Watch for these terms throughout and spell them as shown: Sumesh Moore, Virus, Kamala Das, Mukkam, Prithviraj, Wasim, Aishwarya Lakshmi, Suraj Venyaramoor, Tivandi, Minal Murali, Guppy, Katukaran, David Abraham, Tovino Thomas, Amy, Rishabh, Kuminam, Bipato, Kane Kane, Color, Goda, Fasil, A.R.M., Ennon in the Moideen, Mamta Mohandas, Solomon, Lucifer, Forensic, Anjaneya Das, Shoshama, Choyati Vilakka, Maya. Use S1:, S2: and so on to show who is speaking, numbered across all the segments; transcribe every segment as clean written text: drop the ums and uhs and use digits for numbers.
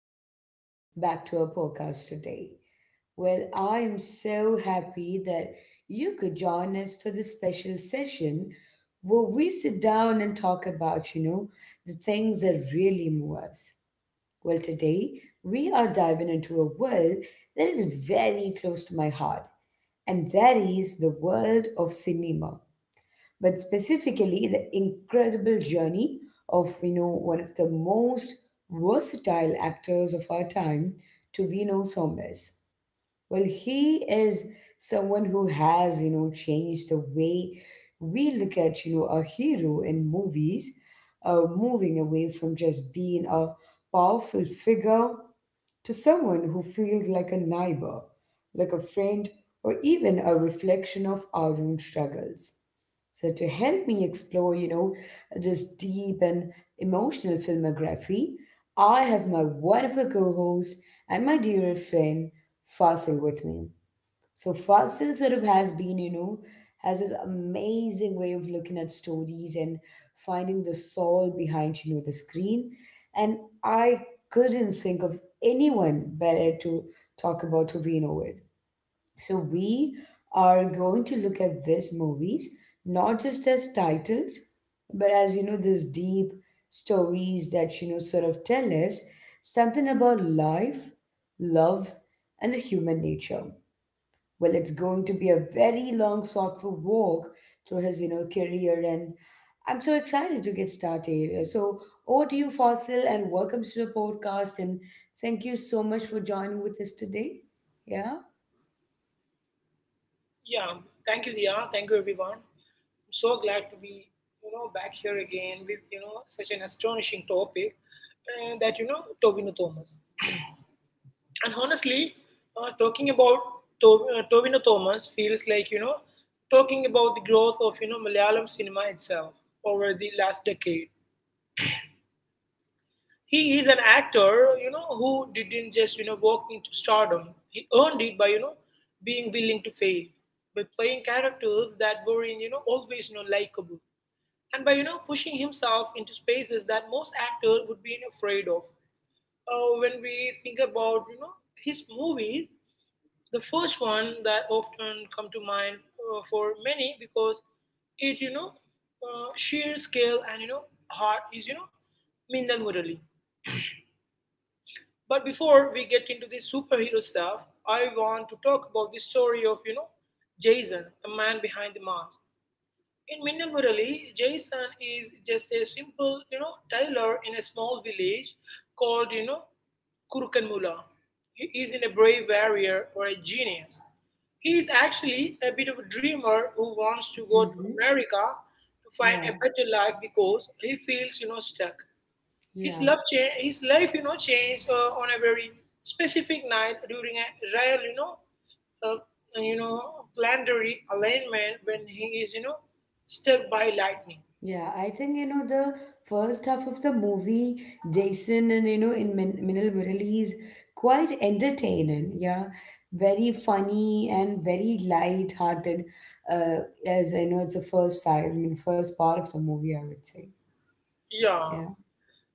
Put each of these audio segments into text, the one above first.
S1: welcome back to our podcast today. I am so happy that you could join us for this special session where we sit down and talk about, the things that really move us. Well, today we are diving into a world that is very close to my heart, and that is the world of cinema but specifically the incredible journey of one of the most versatile actors of our time to Vino Thomas. He is someone who has changed the way we look at a hero in movies, moving away from just being a powerful figure to someone who feels like a neighbor, like a friend, or even a reflection of our own struggles. So to help me explore, this deep and emotional filmography, I have my wonderful co-host and my dear friend Fasil with me. So Fasil sort of has been, has this amazing way of looking at stories and finding the soul behind, the screen. And I couldn't think of anyone better to talk about Tovino with. So we are going to look at these movies not just as titles, but as these deep stories that sort of tell us something about life, love, and the human nature. Well, it's going to be a very long, thoughtful walk through his, career, and I'm so excited to get started. So, over to you, Fossil, and welcome to the podcast. And thank you so much for joining with us today. Yeah.
S2: Yeah, thank you, Dia. Thank you, everyone. I'm so glad to be, back here again with, such an astonishing topic that, Tovino Thomas. And honestly, talking about Tovino Thomas feels like, talking about the growth of, Malayalam cinema itself over the last decade. He is an actor, who didn't just, walk into stardom. He earned it by, being willing to fail, by playing characters that were, always, likable, and by pushing himself into spaces that most actors would be afraid of. When we think about his movies, the first one that often come to mind for many because it you know sheer scale and heart is Mindan Murali. But before we get into the superhero stuff, I want to talk about the story of Jason, the man behind the mask. In Minna Murali, Jason is just a simple, tailor in a small village called, Kurukanmula. He isn't a brave warrior or a genius. He is actually a bit of a dreamer who wants to go to
S1: Hmm.
S2: America to find
S1: Yeah.
S2: a better life because he feels, stuck.
S1: Yeah.
S2: His life, changed on a very specific night during a rare, uh, you know, planetary alignment when he is, struck by lightning.
S1: Yeah, I think the first half of the movie, Jason and in Min Minal Murali is quite entertaining. Yeah, very funny and very light-hearted. Uh, as I know, it's the first side, I mean, first part of the movie, I would say.
S2: Yeah.
S1: Yeah.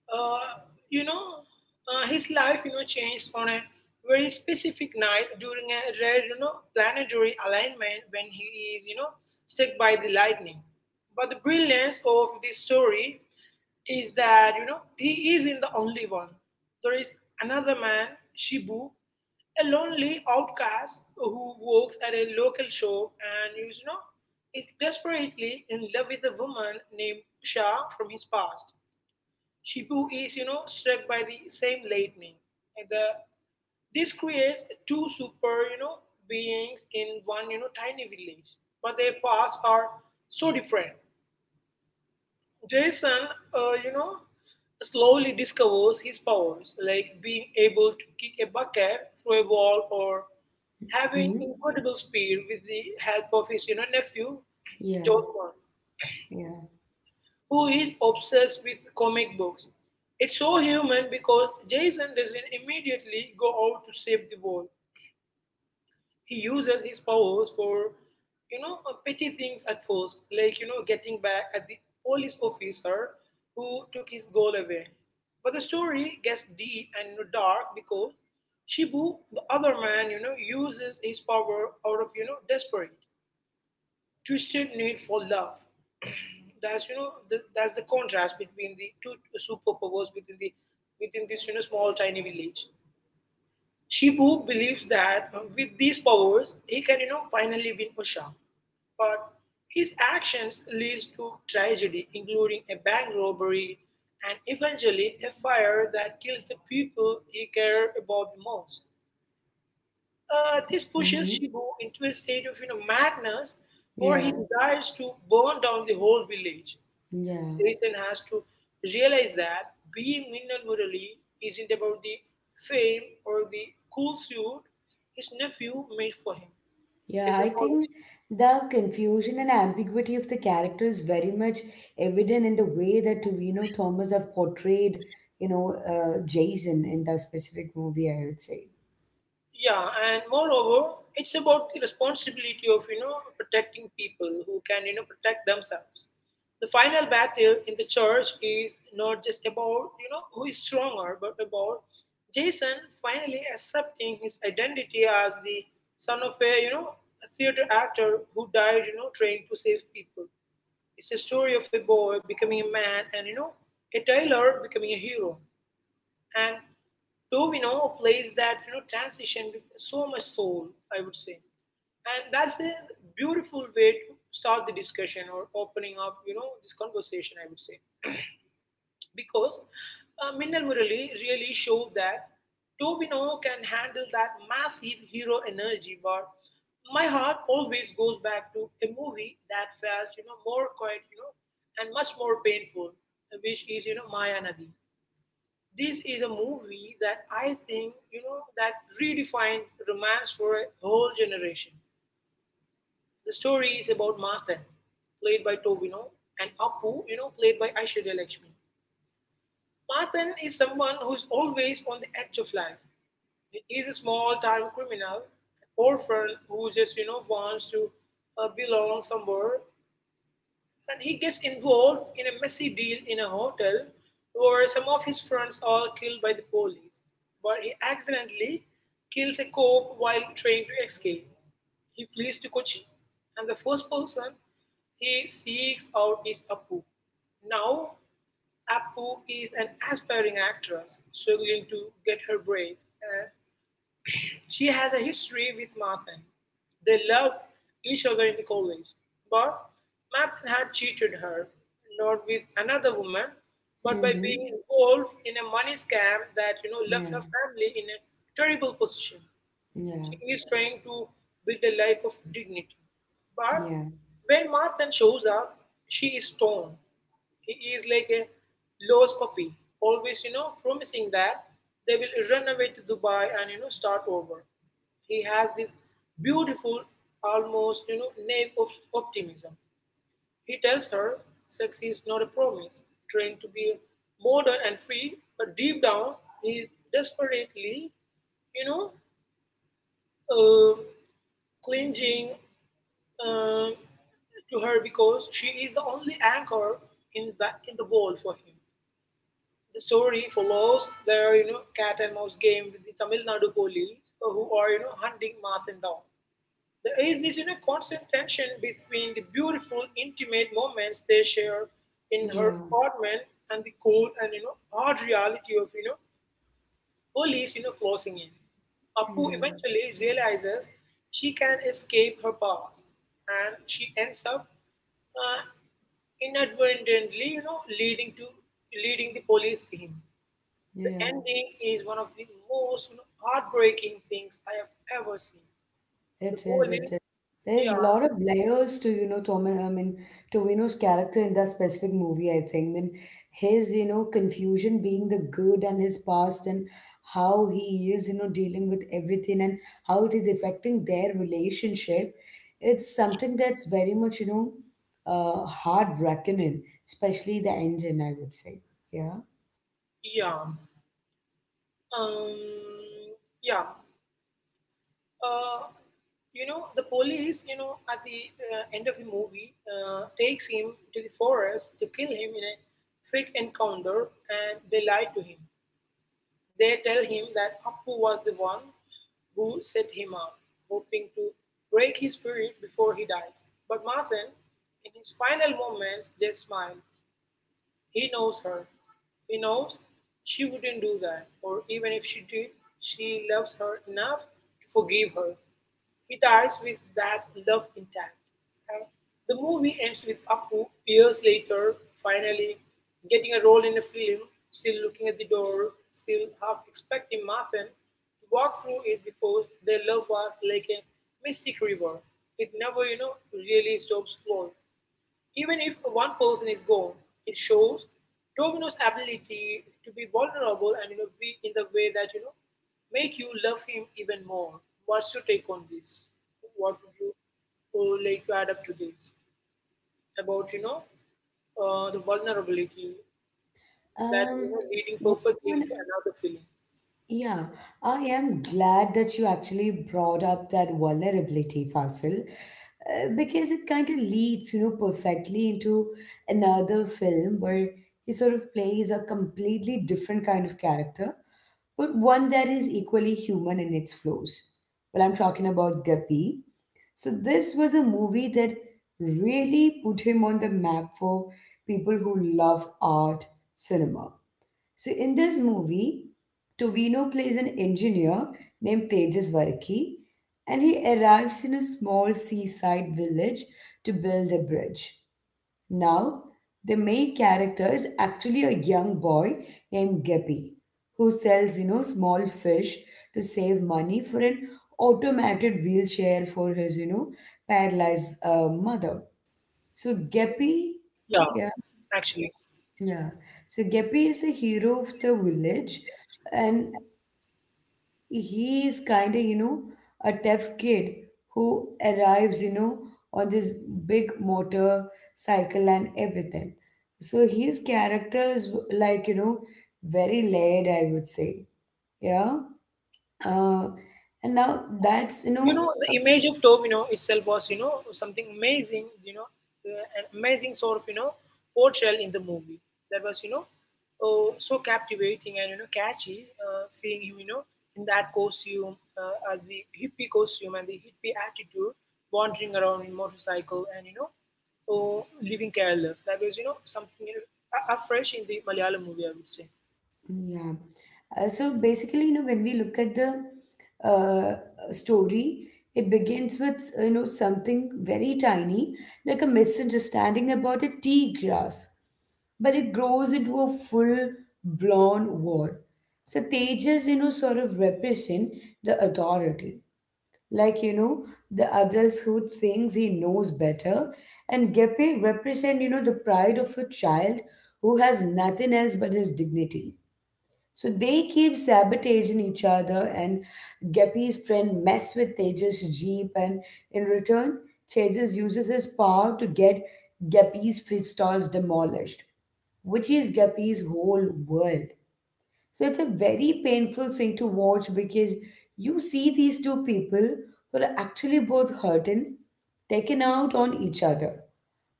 S2: Uh, you know, his life, changed on a very specific night during a rare, planetary alignment when he is, struck by the lightning. But the brilliance of this story is that he isn't the only one. There is another man, Shibu, a lonely outcast who works at a local shop and is you know is desperately in love with a woman named Shah from his past. Shibu is struck by the same lightning. And the- this creates two super beings in one tiny village, but their paths are so different. Jason, uh, you know, slowly discovers his powers, like being able to kick a bucket through a wall or having
S1: Hmm.
S2: incredible speed with the help of his, nephew,
S1: Yeah.
S2: Joshua,
S1: Yeah.
S2: who is obsessed with comic books. It's so human because Jason doesn't immediately go out to save the world. He uses his powers for, petty things at first, like, getting back at the police officer who took his goal away. But the story gets deep and dark because Shibu, the other man, uses his power out of, desperate, twisted need for love. That's the contrast between the two superpowers within the within this small tiny village. Shibu believes that with these powers, he can, finally win Osha. But his actions leads to tragedy, including a bank robbery and eventually a fire that kills the people he cared about the most. This pushes
S1: Hmm.
S2: Shibu into a state of, madness, where
S1: Yeah.
S2: he decides to burn down the whole village.
S1: Yeah.
S2: Citizen has to realize that being Minnal Murali isn't about the fame or the cool suit his nephew made for him.
S1: Yeah,
S2: It's
S1: I
S2: about—
S1: think the confusion and ambiguity of the character is very much evident in the way that Tuvino Thomas have portrayed, Jason in that specific movie, I would say.
S2: yeah, and moreover, it's about the responsibility of protecting people who can protect themselves. The final battle in the church is not just about who is stronger, but about Jason finally accepting his identity as the son of a a theater actor who died trying to save people. It's a story of a boy becoming a man and a tailor becoming a hero, and Tovino plays that transition with so much soul, I would say, and that's a beautiful way to start the discussion or opening up this conversation, I would say, because Minnal Murali really showed that Tovino can handle that massive hero energy, but my heart always goes back to a movie that felt more quiet, and much more painful, which is Maya. This is a movie that I think, that redefined romance for a whole generation. The story is about Mathan, played by Tobino, and Appu, played by Aishwarya Lakshmi. Mathan is someone who is always on the edge of life. He is a small-time criminal, an orphan who just, wants to belong somewhere. And he gets involved in a messy deal in a hotel where some of his friends are killed by the police. But he accidentally kills a cop while trying to escape. He flees to Kochi, and the first person he seeks out is Appu. Now, Appu is an aspiring actress struggling to get her break, and she has a history with Mathan. They loved each other in the college, but Mathan had cheated her, not with another woman, but by being
S1: Mm-hmm.
S2: involved in a money scam that left her
S1: Yeah,
S2: family in a terrible position.
S1: yeah,
S2: She is trying to build a life of dignity. But
S1: yeah,
S2: when Marthan shows up, she is torn. He is like a lost puppy, always, promising that they will run away to Dubai and, start over. He has this beautiful, almost, naive of optimism. He tells her sex is not a promise, trying to be modern and free, but deep down, he is desperately, you know, uh, clinging uh, to her because she is the only anchor in the world for him. The story follows their cat and mouse game with the Tamil Nadu police who are hunting Marthin down. There is this constant tension between the beautiful intimate moments they share in her
S1: yeah,
S2: apartment and the cold and hard reality of police, closing in. Appu
S1: yeah,
S2: eventually realizes she can escape her past, and she ends up uh, inadvertently, leading the police team. The
S1: yeah.
S2: ending is one of the most heartbreaking things I have ever seen. The
S1: It is, it
S2: police,
S1: is. There's
S2: yeah,
S1: a lot of layers to, Thomas, I mean, Tovino's character in that specific movie, I think. I mean, his, confusion being the good and his past and how he is, dealing with everything and how it is affecting their relationship. It's something that's very much, hard reckoning, especially the engine, I would say. Yeah.
S2: yeah, um, yeah. uh, you know the police at the end of the movie takes him to the forest to kill him in a fake encounter, and they lie to him. They tell him that Appu was the one who set him up, hoping to break his spirit before he dies. But Marvin, in his final moments, just smiles. He knows her. He knows she wouldn't do that, or even if she did, she loves her enough to forgive her. He dies with that love intact. Uh, the movie ends with Apu years later finally getting a role in a film, still looking at the door, still half expecting Marfan to walk through it because their love was like a mystic river. It never, really stops flowing. Even if one person is gone, it shows Domino's ability to be vulnerable and be in the way that make you love him even more. What's your take on this? What would you would like to add up to this about the vulnerability that
S1: Um,
S2: leading perfectly
S1: one.
S2: into another feeling?
S1: Yeah, I am glad that you actually brought up that vulnerability, Fasil, because it kind of leads, perfectly into another film where he sort of plays a completely different kind of character, but one that is equally human in its flaws. Well, I'm talking about Guppy. So this was a movie that really put him on the map for people who love art cinema. So in this movie, Tovino plays an engineer named Tejas Varki, and he arrives in a small seaside village to build a bridge. Now, the main character is actually a young boy named Guppy, who sells, small fish to save money for an automated wheelchair for his, paralyzed mother. So Guppy,
S2: Yeah, actually.
S1: yeah. So Gepi is a hero of the village, and he is kind of, a tough kid who arrives, on this big motor cycle and everything. So his character is like, very layered, I would say. Yeah. Uh, and now that's,
S2: you know the image of Domino itself was something amazing, an amazing sort of portrayal in the movie that was oh, so captivating and catchy, seeing him in that costume, the hippie costume and the hippie attitude, wandering around in motorcycle and oh, living careless. That was something afresh in the Malayalam movie, I would say.
S1: yeah. So basically, when we look at the uh, story it begins with something very tiny like a misunderstanding about a tea grass but it grows into a full blown war. So Tejas, sort of represent the authority. Like, the adults who thinks he knows better. And Gepe represent, the pride of a child who has nothing else but his dignity. So they keep sabotaging each other, and Guppy's friend mess with Tejas' jeep, and in return, Tejas uses his power to get Guppy's food stalls demolished, which is Guppy's whole world. So it's a very painful thing to watch because you see these two people who are actually both hurting, taken out on each other.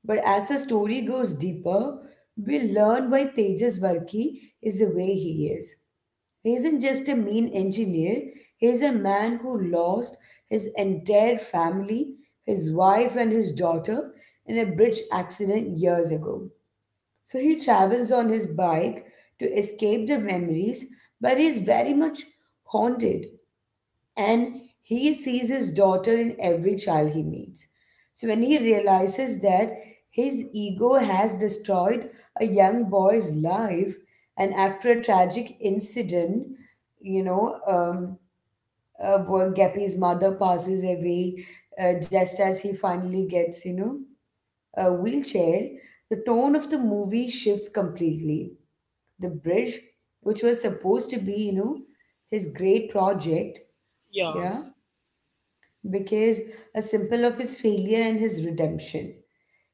S1: But as the story goes deeper, we learn why Tejas Varki is the way he is. He isn't just a mean engineer, he's a man who lost his entire family, his wife, and his daughter in a bridge accident years ago. So he travels on his bike to escape the memories, but he's very much haunted and he sees his daughter in every child he meets. So when he realizes that his ego has destroyed a young boy's life, and after a tragic incident, you know, um, where Guppy's mother passes away just as he finally gets, a wheelchair, the tone of the movie shifts completely. The bridge, which was supposed to be, his great project,
S2: Yeah,
S1: yeah, because a symbol of his failure and his redemption.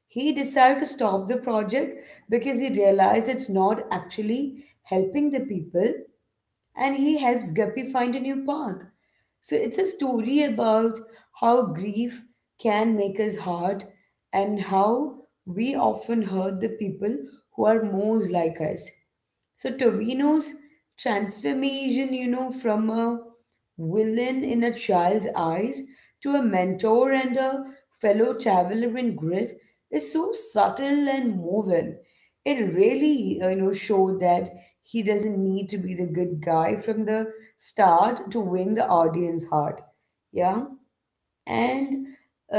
S1: He decided to stop the project because he realized it's not actually helping the people, and he helps Guppy find a new path. So it's a story about how grief can make us hard and how we often hurt the people who are most like us. So Torino's transformation, from a villain in a child's eyes to a mentor and a fellow traveler in grief is so subtle and moving. It really showed that he doesn't need to be the good guy from the start to win the audience heart. Yeah. and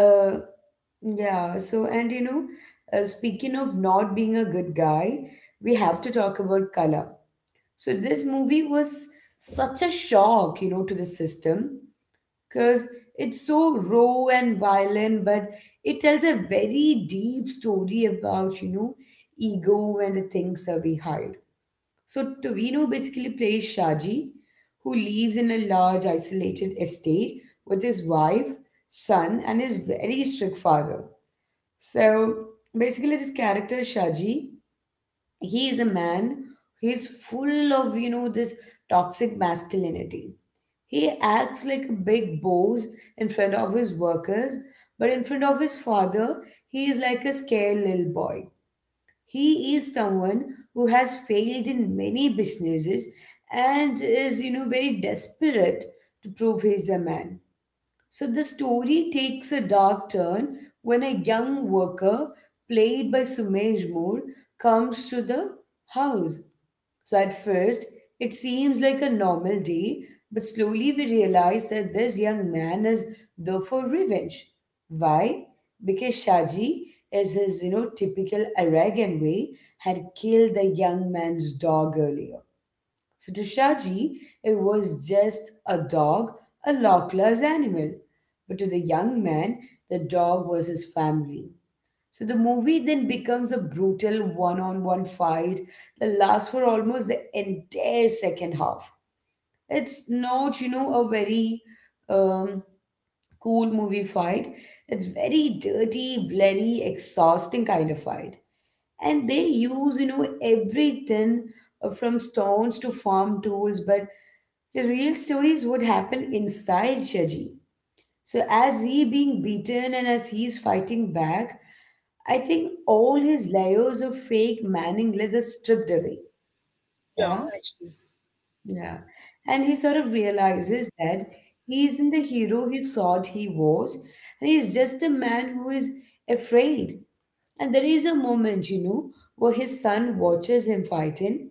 S1: uh yeah so and you know Speaking of not being a good guy, we have to talk about color. So this movie was such a shock to the system because it's so raw and violent, but it tells a very deep story about, ego and the things that we hide. So Tovino basically plays Shaji, who lives in a large isolated estate with his wife, son, and his very strict father. So basically, this character Shaji, he is a man, he's full of this toxic masculinity. He acts like a big boss in front of his workers, but in front of his father he is like a scared little boy. He is someone who has failed in many businesses and is very desperate to prove he's a man. So the story takes a dark turn when a young worker, played by Sumesh Moore, comes to the house. So at first, it seems like a normal day, but slowly we realize that this young man is there for revenge. Why? Because Shaji, as his typical Aragon way, had killed the young man's dog earlier. So to Shaji, it was just a dog, a lawless animal. But to the young man, the dog was his family. So the movie then becomes a brutal one-on-one fight that lasts for almost the entire second half. It's not, you know, a very um, cool movie fight. It's very dirty, bloody, exhausting kind of fight and they use everything from stones to farm tools but the real stories would happen inside Shaji. So as he being beaten and as he's fighting back, I think all his layers of fake manningless are stripped away.
S2: yeah,
S1: Yeah,
S2: actually,
S1: yeah. And he sort of realizes that he isn't the hero he thought he was, and he's just a man who is afraid. And there is a moment, where his son watches him fight him,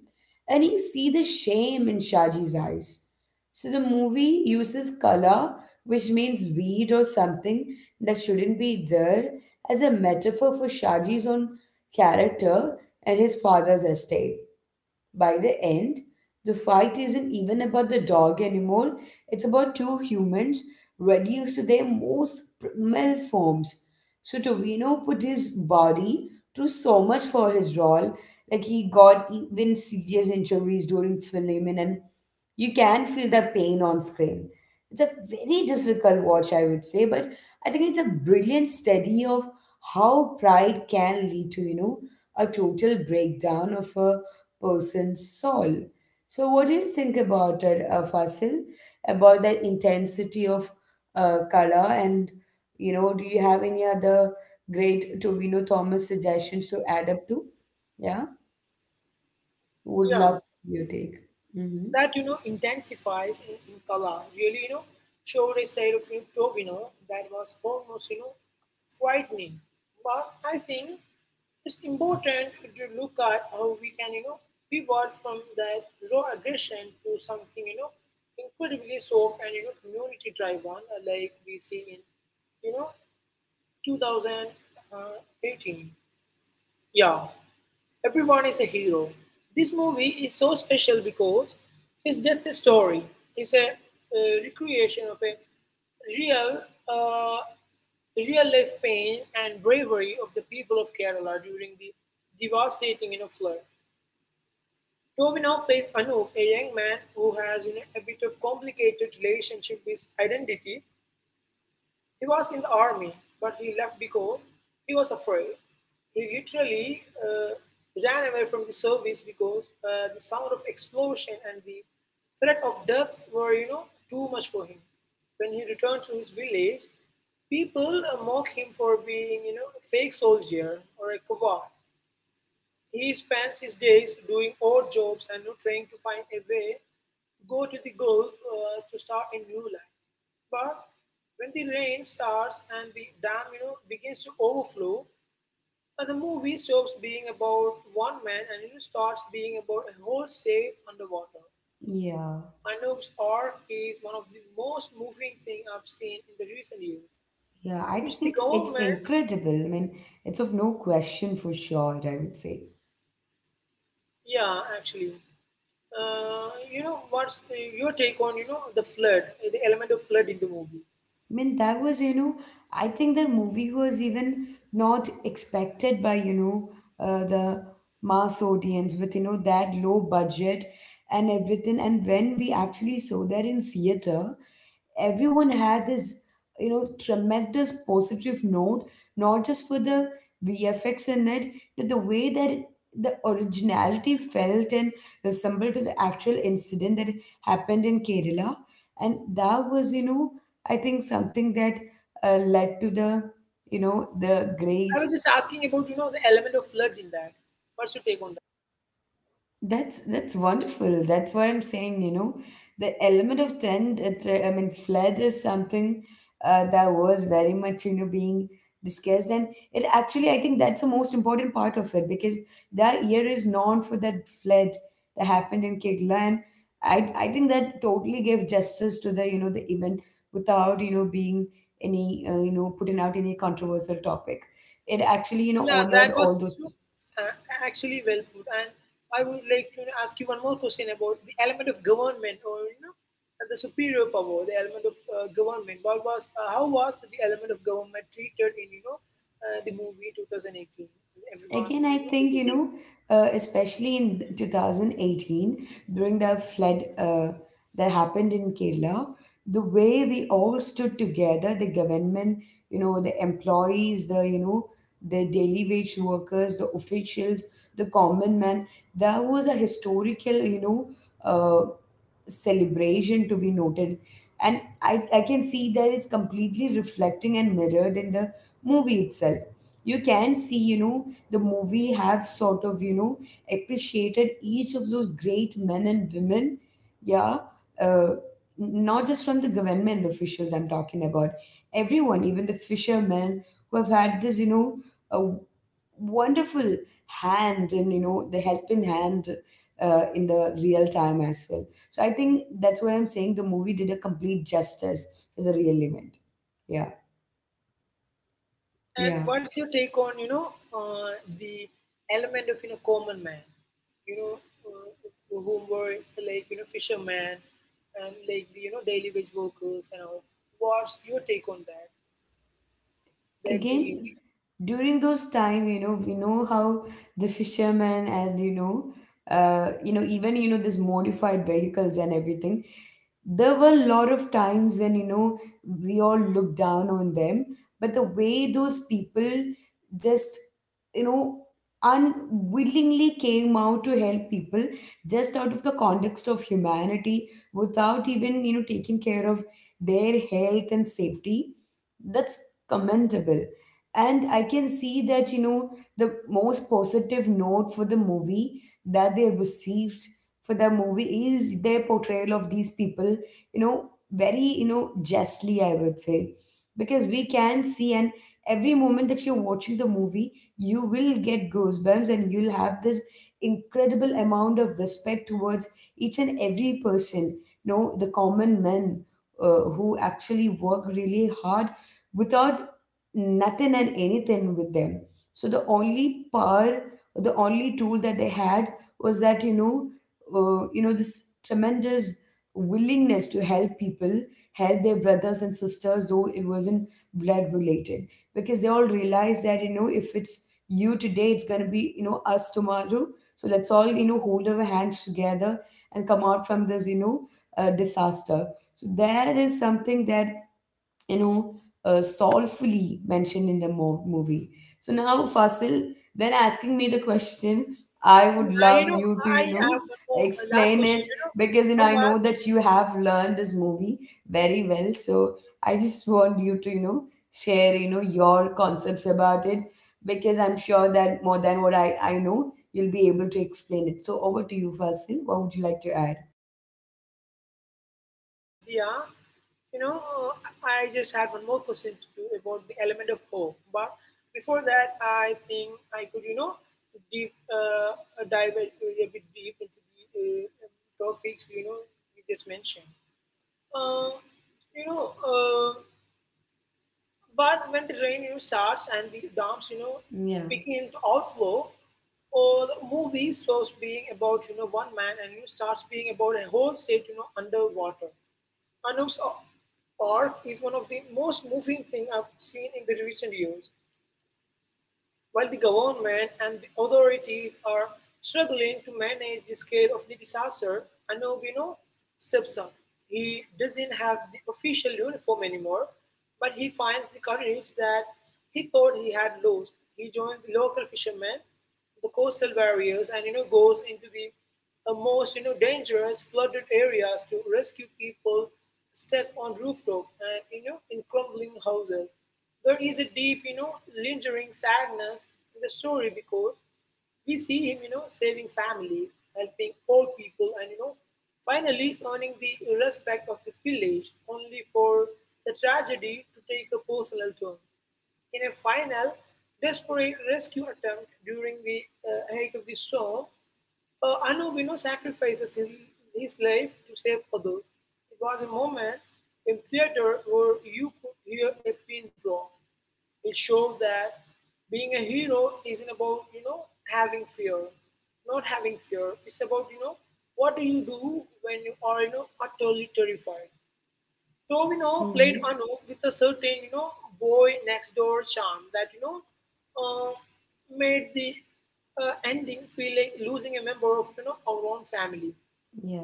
S1: and you see the shame in Shaji's eyes. So the movie uses color, which means weed or something that shouldn't be there, as a metaphor for Shaji's own character and his father's estate. By the end, the fight isn't even about the dog anymore, it's about two humans reduced to their most primal forms. So Tovino put his body through so much for his role, like he got even serious injuries during filming and you can feel the pain on screen. It's a very difficult watch, I would say, but I think it's a brilliant study of how pride can lead to, a total breakdown of a person's soul. So, what do you think about it, Fasil, about that intensity of color? And, do you have any other great Tovino Thomas suggestions to add up to? Yeah, would
S2: yeah,
S1: love your take. Hmm.
S2: that intensifies in color, really showed a side of you Tovino that was almost frightening. But I think it's important to look at how we can pivot from that raw aggression to something incredibly soft and community driven, like we see in you know 2018. Yeah. Everyone is a hero. This movie is so special because it's just a story, it's a, recreation of a real, uh, real life pain and bravery of the people of Kerala during the devastating flood. Tovino plays Anup, a young man who has, a bit of complicated relationship with identity. He was in the army, but he left because he was afraid. He literally ran away from the service because the sound of explosion and the threat of death were, too much for him. When he returned to his village, people mock him for being, a fake soldier or a coward. He spends his days doing odd jobs and not trying to find a way to go to the Gulf to start a new life. But when the rain starts and the dam begins to overflow, the movie stops being about one man and it starts being about a whole state underwater.
S1: Yeah.
S2: Anub's arc is one of the most moving things I've seen in the recent years,
S1: Yeah, I think
S2: which the
S1: it's
S2: government,
S1: incredible. I mean, it's of no question for sure, I would say.
S2: yeah, actually. What's your take on the flood, the element of flood in the movie?
S1: I mean, that was, I think the movie was even not expected by, the mass audience with, that low budget and everything. And when we actually saw that in theater, everyone had this tremendous positive note, not just for the vfx in it, but the way that the originality felt and resembled to the actual incident that happened in Kerala. And that was, I think, something that led to the, the
S2: I
S1: great—
S2: was just asking about the element of flood in that. What's your take on that?
S1: That's wonderful. That's what I'm saying. You know, the element of I mean, flood is something that was very much, being discussed, and it actually, I think, that's the most important part of it, because that year is known for that flood that happened in Kegla. And I think that totally gave justice to the, the event, without being any putting out any controversial topic. It actually,
S2: Yeah,
S1: honored
S2: that was
S1: all those
S2: you know,
S1: people.
S2: uh, actually well put. And I would like to ask you one more question about the element of government, or the superior power, the element of government. What was how was the element of government treated in the movie 2018? Everyone,
S1: Again, I
S2: you
S1: think, you
S2: know,
S1: know, especially in 2018, during the flood that happened in Kerala, the way we all stood together, the government, you know, the employees, the, you know, the daily wage workers, the officials, the common man, that was a historical, you know, uh, celebration to be noted. And I can see that it's completely reflecting and mirrored in the movie itself. You can see, you know, the movie have sort of, you know, appreciated each of those great men and women, yeah, uh, not just from the government officials I'm talking about, everyone, even the fishermen who have had this, you know, a wonderful hand and, you know, the helping hand in the real time as well. So I think that's what I'm saying. The movie did a complete justice to the real event. Yeah.
S2: And
S1: Yeah.
S2: what's your take on the element of common man, you know uh, whom were like fishermen and like the daily wage workers and all. What's your take on that? Their dreams.
S1: Again, during those time, you know, we know how the fishermen and, you know, even, you know, this modified vehicles and everything, there were a lot of times when, you know, we all looked down on them. But the way those people just, you know, unwillingly came out to help people, just out of the context of humanity, without even, you know, taking care of their health and safety, that's commendable. And I can see that, you know, the most positive note for the movie that they received for the movie is their portrayal of these people, you know, very, you know, justly, I would say, because we can see, and every moment that you're watching the movie, you will get goosebumps and you'll have this incredible amount of respect towards each and every person, you know, the common men, who actually work really hard without nothing and anything with them. So the only power, the only tool that they had was that, you know, you know, this tremendous willingness to help people, help their brothers and sisters, though it wasn't blood related, because they all realized that, you know, if it's you today, it's gonna be, you know, us tomorrow. So let's all, you know, hold our hands together and come out from this, disaster. So that is something that, you know, soulfully mentioned in the movie. So now, Fasil, then asking me the question, I would
S2: Yeah, you
S1: love
S2: know,
S1: you to,
S2: I
S1: you know,
S2: have one more a last
S1: explain
S2: question.
S1: it,
S2: You know,
S1: because, you know,
S2: how
S1: I know
S2: was
S1: that you have learned this movie very well. So I just want you to, you know, share, you know, your concepts about it, because I'm sure that more than what I know, you'll be able to explain it. So over to you, Fasil. What would you like to add?
S2: Yeah, you know, I just had one more question to you about the element of hope. But before that, I think I could, deep dive a bit deep into the topics you just mentioned. Um, you know, uh, but when the rain starts and the dams
S1: Yeah.
S2: begin to outflow, or the movie stops being about one man and starts being about a whole state underwater. Anup's org is one of the most moving things I've seen in the recent years. While the government and the authorities are struggling to manage the scale of the disaster, Anup, steps up. He doesn't have the official uniform anymore, but he finds the courage that he thought he had lost. He joins the local fishermen, the coastal barriers, and goes into the most dangerous flooded areas to rescue people stuck on rooftop and in crumbling houses. There is a deep lingering sadness in the story because we see him saving families, helping old people, and finally earning the respect of the village only for the tragedy to take a personal turn. In a final, desperate rescue attempt during the height of the storm, Anubino sacrifices his life to save others. It was a moment in theater where you could hear a pin drop. It showed that being a hero isn't about, having fear, not having fear. It's about, what do you do when you are, utterly terrified? Tovino played
S1: Mm-hmm.
S2: Anup with a certain, boy next door charm that, uh, made the ending feel like losing a member of, our own family.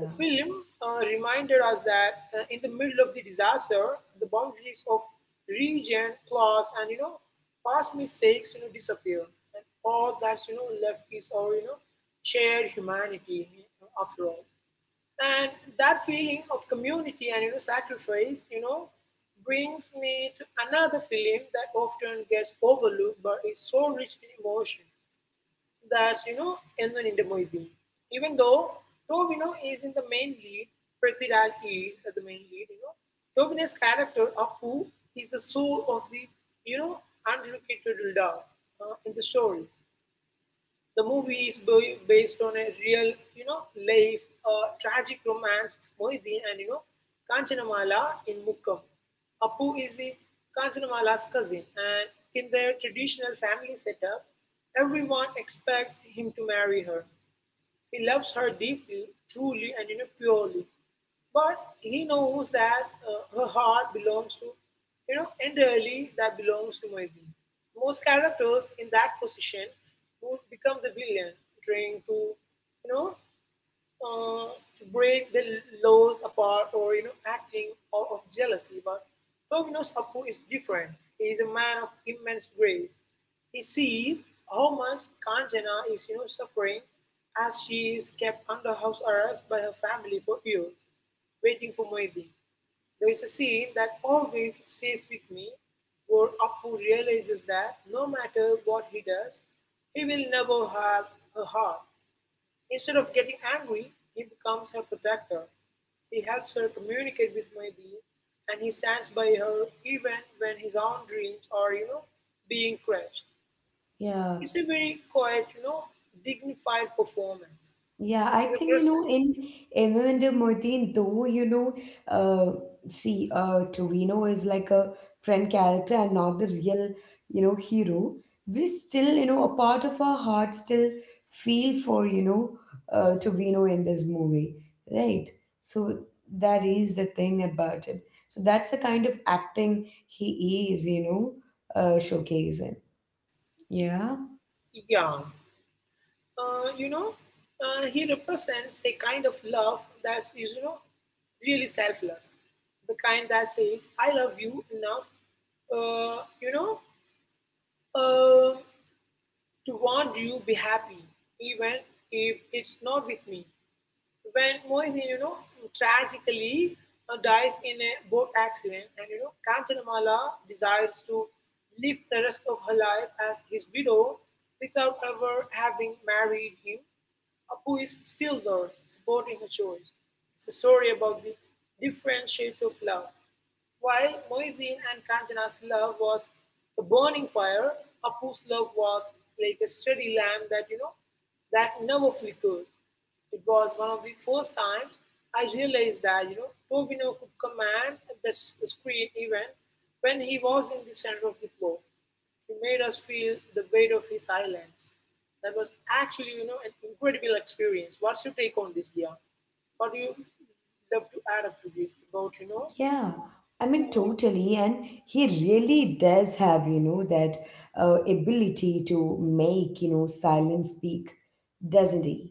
S2: The film reminded us that in the middle of the disaster, the boundaries of region, class, and, past mistakes, disappear. And all that's, left is our, shared humanity, after all. And that feeling of community and sacrifice, brings me to another film that often gets overlooked but is so rich in emotion. That's Ennon in the Moideen. Even though Tovino is in the main lead, Prithviraj is the main lead, Tovino's character Appu is the soul of the you know unrequited love in the story. The movie is based on a real, life tragic romance of Mohiddin and Kanchanamala in Mukkam. Appu is the Kanchanamala's cousin, and in their traditional family setup, everyone expects him to marry her. He loves her deeply, truly, and purely. But he knows that her heart belongs to, entirely that belongs to Maideen. Most characters in that position would become the villain, trying to, you know, to break the laws apart or acting out of jealousy, but Tominos Appu is different. He is a man of immense grace. He sees how much Kanjana is suffering as she is kept under house arrest by her family for years, waiting for Moedi. There is a scene that always stays with me where Appu realizes that no matter what he does, he will never have her heart. Instead of getting angry, he becomes her protector. He helps her communicate with Maideen and he stands by her even when his own dreams are, being crushed.
S1: Yeah.
S2: It's a very quiet, dignified performance.
S1: Yeah,
S2: He
S1: I think, you know,
S2: represents,
S1: in Evander Murdin, though, you know, uh see, Trevino is like a friend character and not the real, you know, hero. We still, you know, a part of our heart still feel for, you know, Trevino in this movie, right? So that is the thing about it. So that's the kind of acting he is, you know, showcasing. Yeah.
S2: yeah, uh, you know, he represents a kind of love that is, really selfless. The kind that says, I love you enough, uh, you know, uh, to want you be happy, even if it's not with me. When Mohini, tragically dies in a boat accident, and Kanchanamala desires to live the rest of her life as his widow without ever having married him, is still there, supporting her choice. It's a story about the different shades of love. While Muhyiddin and Kanchana's love was a burning fire, Apu's love was like a steady lamp that that never flickered. It was one of the first times I realized that Tovino could command the screen even when he was in the center of the floor. He made us feel the weight of his silence. That was actually an incredible experience. What's your take on this, Dia? What do you love to add up to this about
S1: Yeah, I mean, totally. And he really does have, you know, that ability to make, you know, silence speak, doesn't he?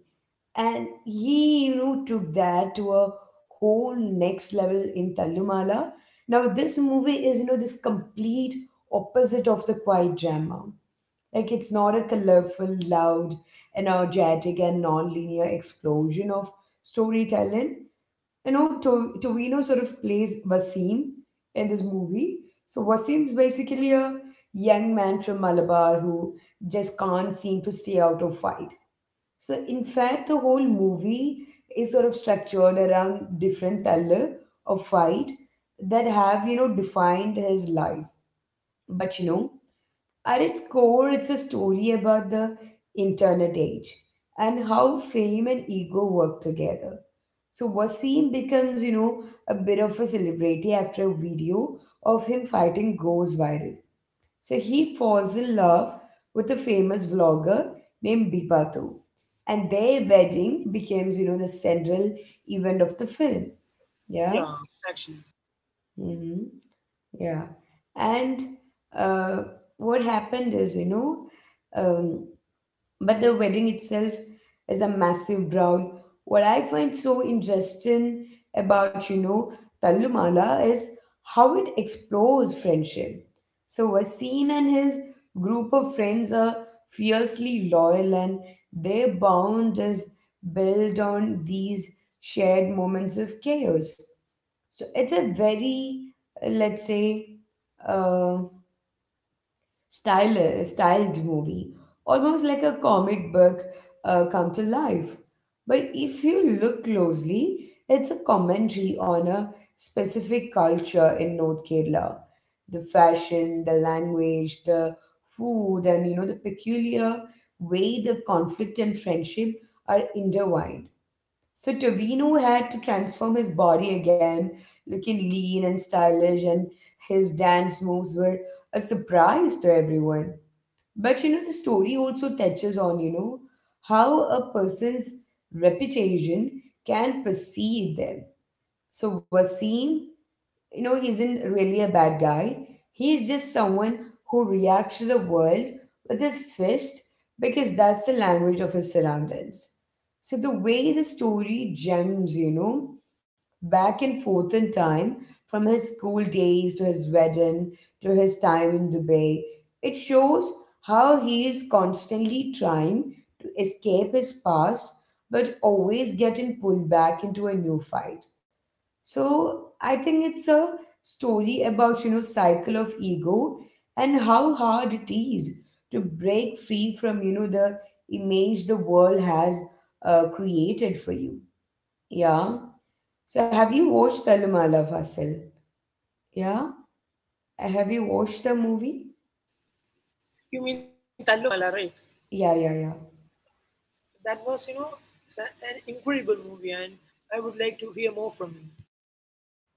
S1: And he, you know, took that to a whole next level in Tallumala. Now, this movie is, you know, this complete opposite of the quiet drama. Like, it's not a colorful, loud, energetic, and non linear explosion of storytelling. You know, Tovino sort of plays Wasim in this movie. So Wasim's basically a young man from Malabar who just can't seem to stay out of fight. So in fact, the whole movie is sort of structured around different thaler of fight that have, you know, defined his life. But you know, at its core, it's a story about the internet age and how fame and ego work together. So Wasim becomes, you know, a bit of a celebrity after a video of him fighting goes viral. So he falls in love with a famous vlogger named Bipato. And their wedding becomes, you know, the central event of the film.
S2: Yeah,
S1: Yeah.
S2: actually.
S1: Hmm. Yeah. And uh, what happened is, you know, um, but the wedding itself is a massive brawl. What I find so interesting about, you know, Tallumala is how it explores friendship. So Wasim and his group of friends are fiercely loyal and their bond is built on these shared moments of chaos. So it's a very, let's say, uh, styled movie, almost like a comic book come to life. But if you look closely, it's a commentary on a specific culture in North Kerala. The fashion, the language, the food, and you know the peculiar way the conflict and friendship are intertwined. So Tovino had to transform his body again, looking lean and stylish, and his dance moves were a surprise to everyone. But you know, the story also touches on, you know, how a person's reputation can precede them. So Wasim, you know, isn't really a bad guy. He's just someone who reacts to the world with his fist, because that's the language of his surroundings. So the way the story jumps, you know, back and forth in time, from his school days to his wedding to his time in Dubai, it shows how he is constantly trying to escape his past but always getting pulled back into a new fight. So I think it's a story about, you know, cycle of ego and how hard it is to break free from, you know, the image the world has created for you. Yeah. So have you watched Salumala, Fasil? Yeah. Have you watched the movie?
S2: You mean Tallumala, right?
S1: Yeah, yeah, yeah.
S2: That was, it's an incredible movie, and I would like to hear more from you.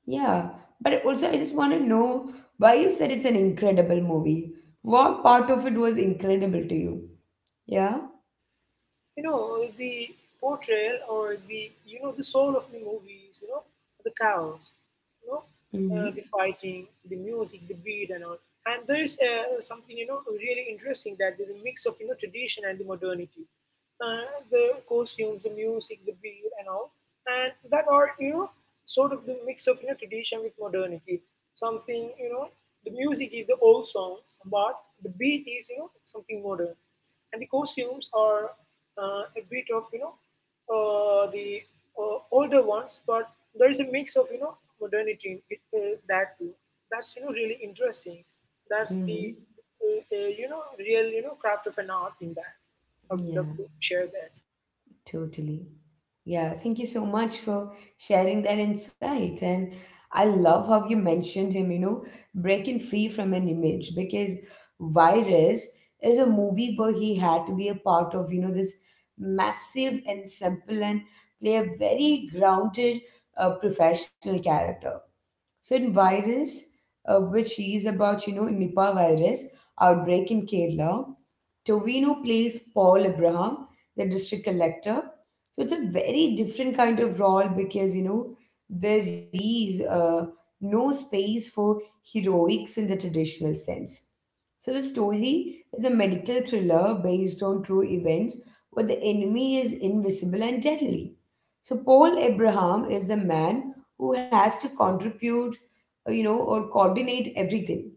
S1: Yeah. But also I just want to know why you said it's an incredible movie. What part of it was incredible to you? Yeah.
S2: You know, the portrayal or the, the soul of the movies, the chaos, you know, the
S1: Mm-hmm.
S2: fighting, the music, the beat, and all. And there is something, really interesting that there's a mix of, tradition and the modernity. And their costumes, the music, the beat, and all. And that are, sort of the mix of tradition with modernity. Something, the music is the old songs, but the beat is, something modern. And the costumes are a bit of, the older ones, but there is a mix of, modernity in it, that too. That's, really interesting. That's the,
S1: Mm-hmm.
S2: uh, uh, real, craft of an art in that. I would love
S1: Yeah.
S2: to share that.
S1: Totally. Yeah, thank you so much for sharing that insight. And I love how you mentioned him, you know, breaking free from an image, because Virus is a movie where he had to be a part of, you know, this massive ensemble and play a very grounded professional character. So in Virus, which is about, you know, Nipah virus outbreak in Kerala, Tovino plays Paul Abraham, the district collector. So it's a very different kind of role, because, you know, there is no space for heroics in the traditional sense. So the story is a medical thriller based on true events, where the enemy is invisible and deadly. So Paul Abraham is the man who has to contribute, you know, or coordinate everything,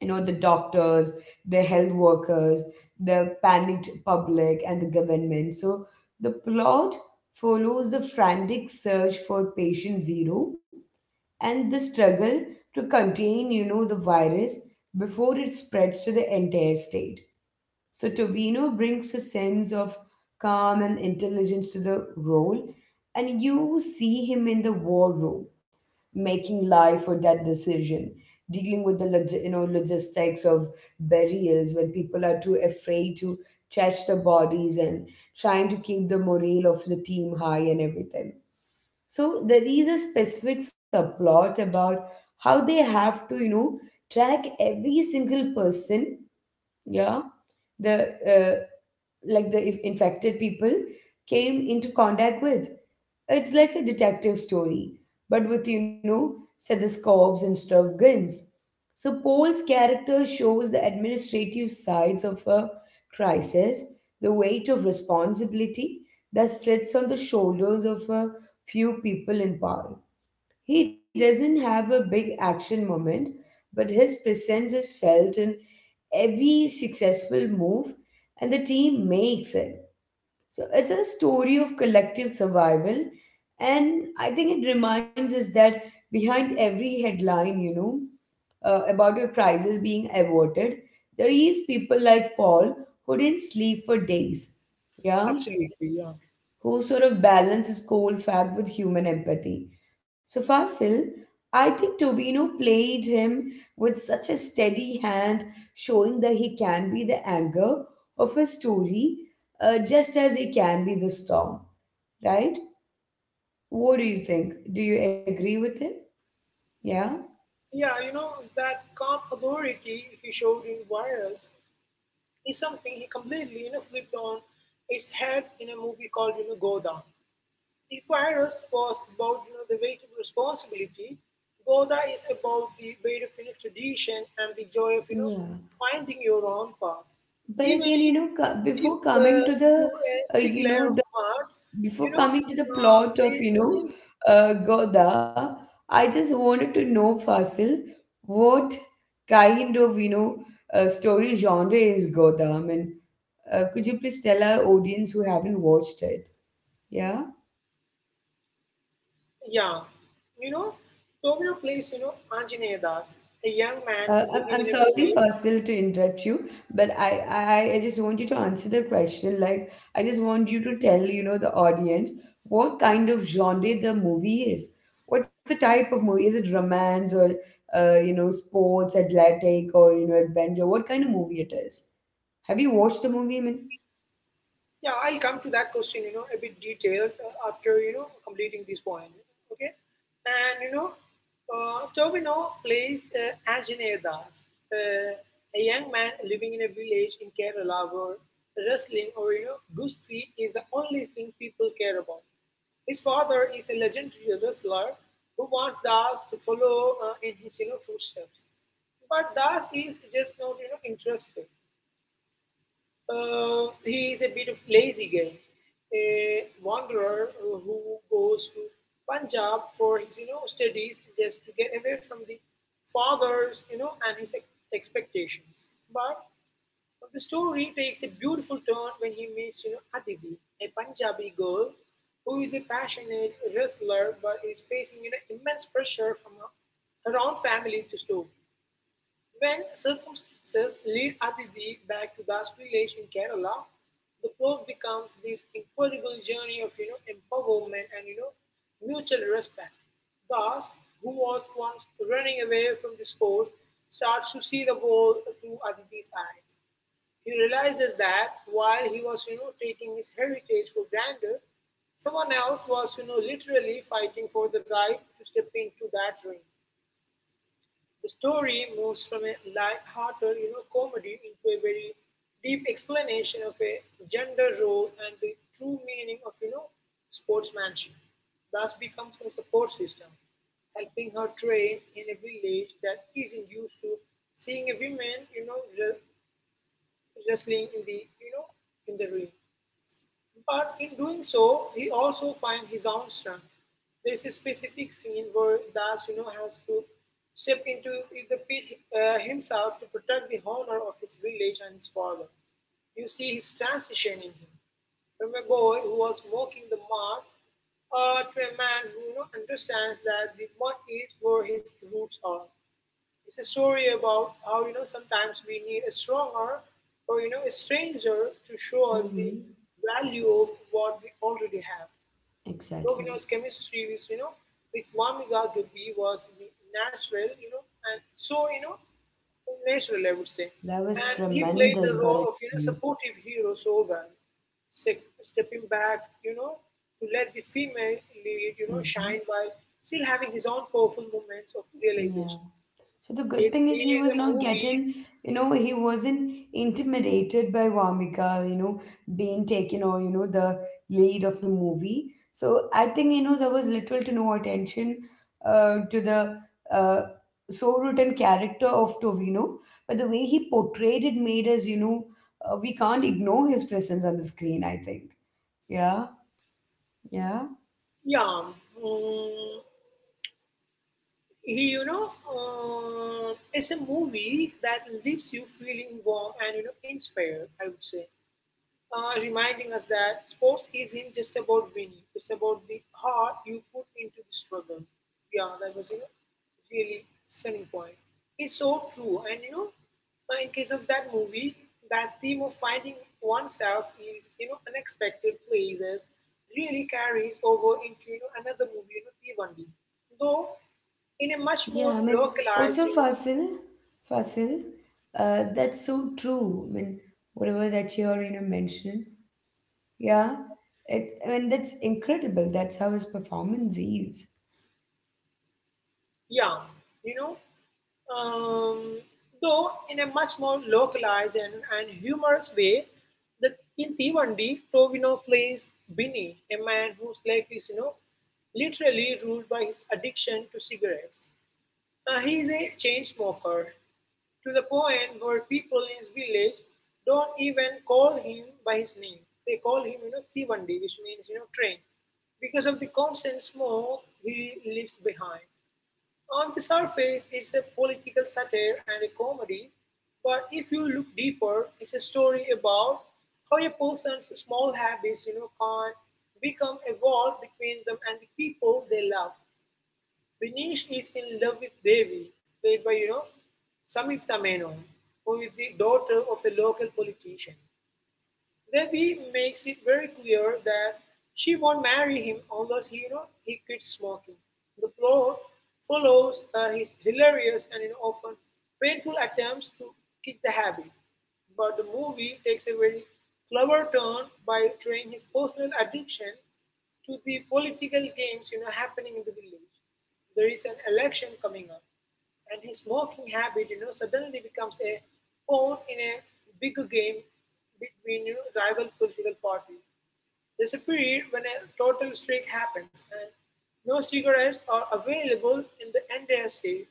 S1: you know, the doctors, the health workers, the panicked public and the government. So the plot follows the frantic search for patient zero, and the struggle to contain, you know, the virus before it spreads to the entire state. So Tovino brings a sense of calm and intelligence to the role. And you see him in the war room, making life or death decision, dealing with the you know, logistics of burials when people are too afraid to touch the bodies, and trying to keep the morale of the team high, and everything. So there is a specific subplot about how they have to, you know, track every single person, yeah, the like the if infected people came into contact with. It's like a detective story, but with, you know, stethoscopes and stuff guns. So Paul's character shows the administrative sides of a crisis, the weight of responsibility that sits on the shoulders of a few people in power. He doesn't have a big action moment, but his presence is felt in every successful move and the team makes it. So it's a story of collective survival. And I think it reminds us that behind every headline, you know, about a crisis being averted, there is people like Paul who didn't sleep for days. Yeah,
S2: Absolutely, yeah.
S1: who sort of balances cold fact with human empathy. So Fasil, I think Tovino played him with such a steady hand, showing that he can be the anger of a story just as he can be the storm, right? What do you think? Do you agree with him? Yeah.
S2: Yeah, that calm authority he showed in Virus is something he completely, flipped on its head in a movie called, Goda. If Virus was about, the weight of responsibility, Goda is about the weight of, tradition and the joy of,
S1: Yeah.
S2: finding your own path.
S1: But
S2: Even
S1: again,
S2: if
S1: before
S2: it's
S1: coming to the,
S2: through a
S1: uh,
S2: thick
S1: you
S2: layer
S1: know,
S2: of mud,
S1: before
S2: you know,
S1: coming to the
S2: uh,
S1: plot of
S2: in
S1: Goda, I just wanted to know Fasil, what kind of story genre is Goda? I mean, could you please tell our audience who haven't watched it? Yeah.
S2: Yeah, you know, Tomino plays, Anjaneya Das, a young man
S1: Uh, I'm
S2: living
S1: I'm
S2: in a
S1: sorry,
S2: village.
S1: Fasil, to interrupt you, but I just want you to answer the question. Like, I just want you to tell, you know, the audience what kind of genre the movie is. What's the type of movie? Is it romance or, you know, sports, athletic, or you know, adventure? What kind of movie it is? Have you watched the movie? I mean,
S2: Yeah, I'll come to that question, a bit detailed after, completing this point. Okay. And, Tobino plays Anjaneya Das, a young man living in a village in Kerala where wrestling or, Gusti is the only thing people care about. His father is a legendary wrestler who wants Das to follow in his, footsteps. But Das is just not, interested. He is a bit of lazy guy, a wanderer who goes to Punjab for his studies just to get away from the father's and his expectations. But the story takes a beautiful turn when he meets Aditi, a Punjabi girl who is a passionate wrestler but is facing immense pressure from her own family to stop. When circumstances lead Aditi back to Das village in Kerala, the plot becomes this incredible journey of empowerment and mutual respect. Das, who was once running away from the sports, starts to see the world through Aditi's eyes. He realizes that while he was taking his heritage for granted, someone else was literally fighting for the right to step into that ring. The story moves from a light-hearted comedy into a very deep explanation of a gender role and the true meaning of sportsmanship. Thus becomes her support system, helping her train in a village that isn't used to seeing a woman wrestling in the ring. But in doing so, he also finds his own strength. There's a specific scene where Das, has to step into the pit himself to protect the honor of his village and his father. You see his transition in him, from a boy who was mocking the mud to a man who understands that the mud is where his roots are. It's a story about how sometimes we need a stronger or a stranger to show us the
S1: mm-hmm.
S2: value of what we already have.
S1: Exactly.
S2: Tovino's chemistry with you know with Wamika Gabi was the natural, and so natural, I would say.
S1: That was
S2: And he played the
S1: tremendous. Got it.
S2: role of supportive hero so well, stepping back, to let the female lead,
S1: Mm-hmm.
S2: shine while still having his own powerful moments of realization.
S1: Yeah. So the good
S2: It
S1: thing is he
S2: is
S1: was
S2: a
S1: not
S2: movie,
S1: getting, you know, he wasn't intimidated by Vamika, you know, being taken or, you know, the lead of the movie. So I think, you know, there was little to no attention to the uh, so-written character of Tovino. But the way he portrayed it made us, you know, we can't ignore his presence on the screen, I think. Yeah, yeah.
S2: yeah. mm, it's a movie that leaves you feeling warm and inspired. I would say reminding us that sports isn't just about winning, it's about the heart you put into the struggle. Yeah, that was a really stunning point. It's so true. And in case of that movie, that theme of finding oneself is, unexpected places really carries over into, another movie, T1D. Though in a much more
S1: Yeah, I mean,
S2: localized,
S1: also
S2: you know,
S1: Fasil, that's so true. I mean, whatever that you're, you know, mentioning, yeah, it, I mean, that's incredible. That's how his performance is.
S2: Yeah, you know, um, though in a much more localized and humorous way, that in Tivandi, Tovino plays Binny, a man whose life is, literally ruled by his addiction to cigarettes. He is a chain smoker to the point where people in his village don't even call him by his name. They call him, Tivandi, which means, train. Because of the constant smoke he leaves behind. On the surface, it's a political satire and a comedy, but if you look deeper, it's a story about how a person's small habits can become a wall between them and the people they love. Benish is in love with Devi, played by, Samyukta Menon, who is the daughter of a local politician. Devi makes it very clear that she won't marry him unless he quits smoking. The plot follows his hilarious and often painful attempts to kick the habit, but the movie takes a very clever turn by tying his personal addiction to the political games happening in the village. There is an election coming up, and his smoking habit suddenly becomes a pawn in a bigger game between rival political parties. There's a period when a total strike happens and no cigarettes are available in the entire state.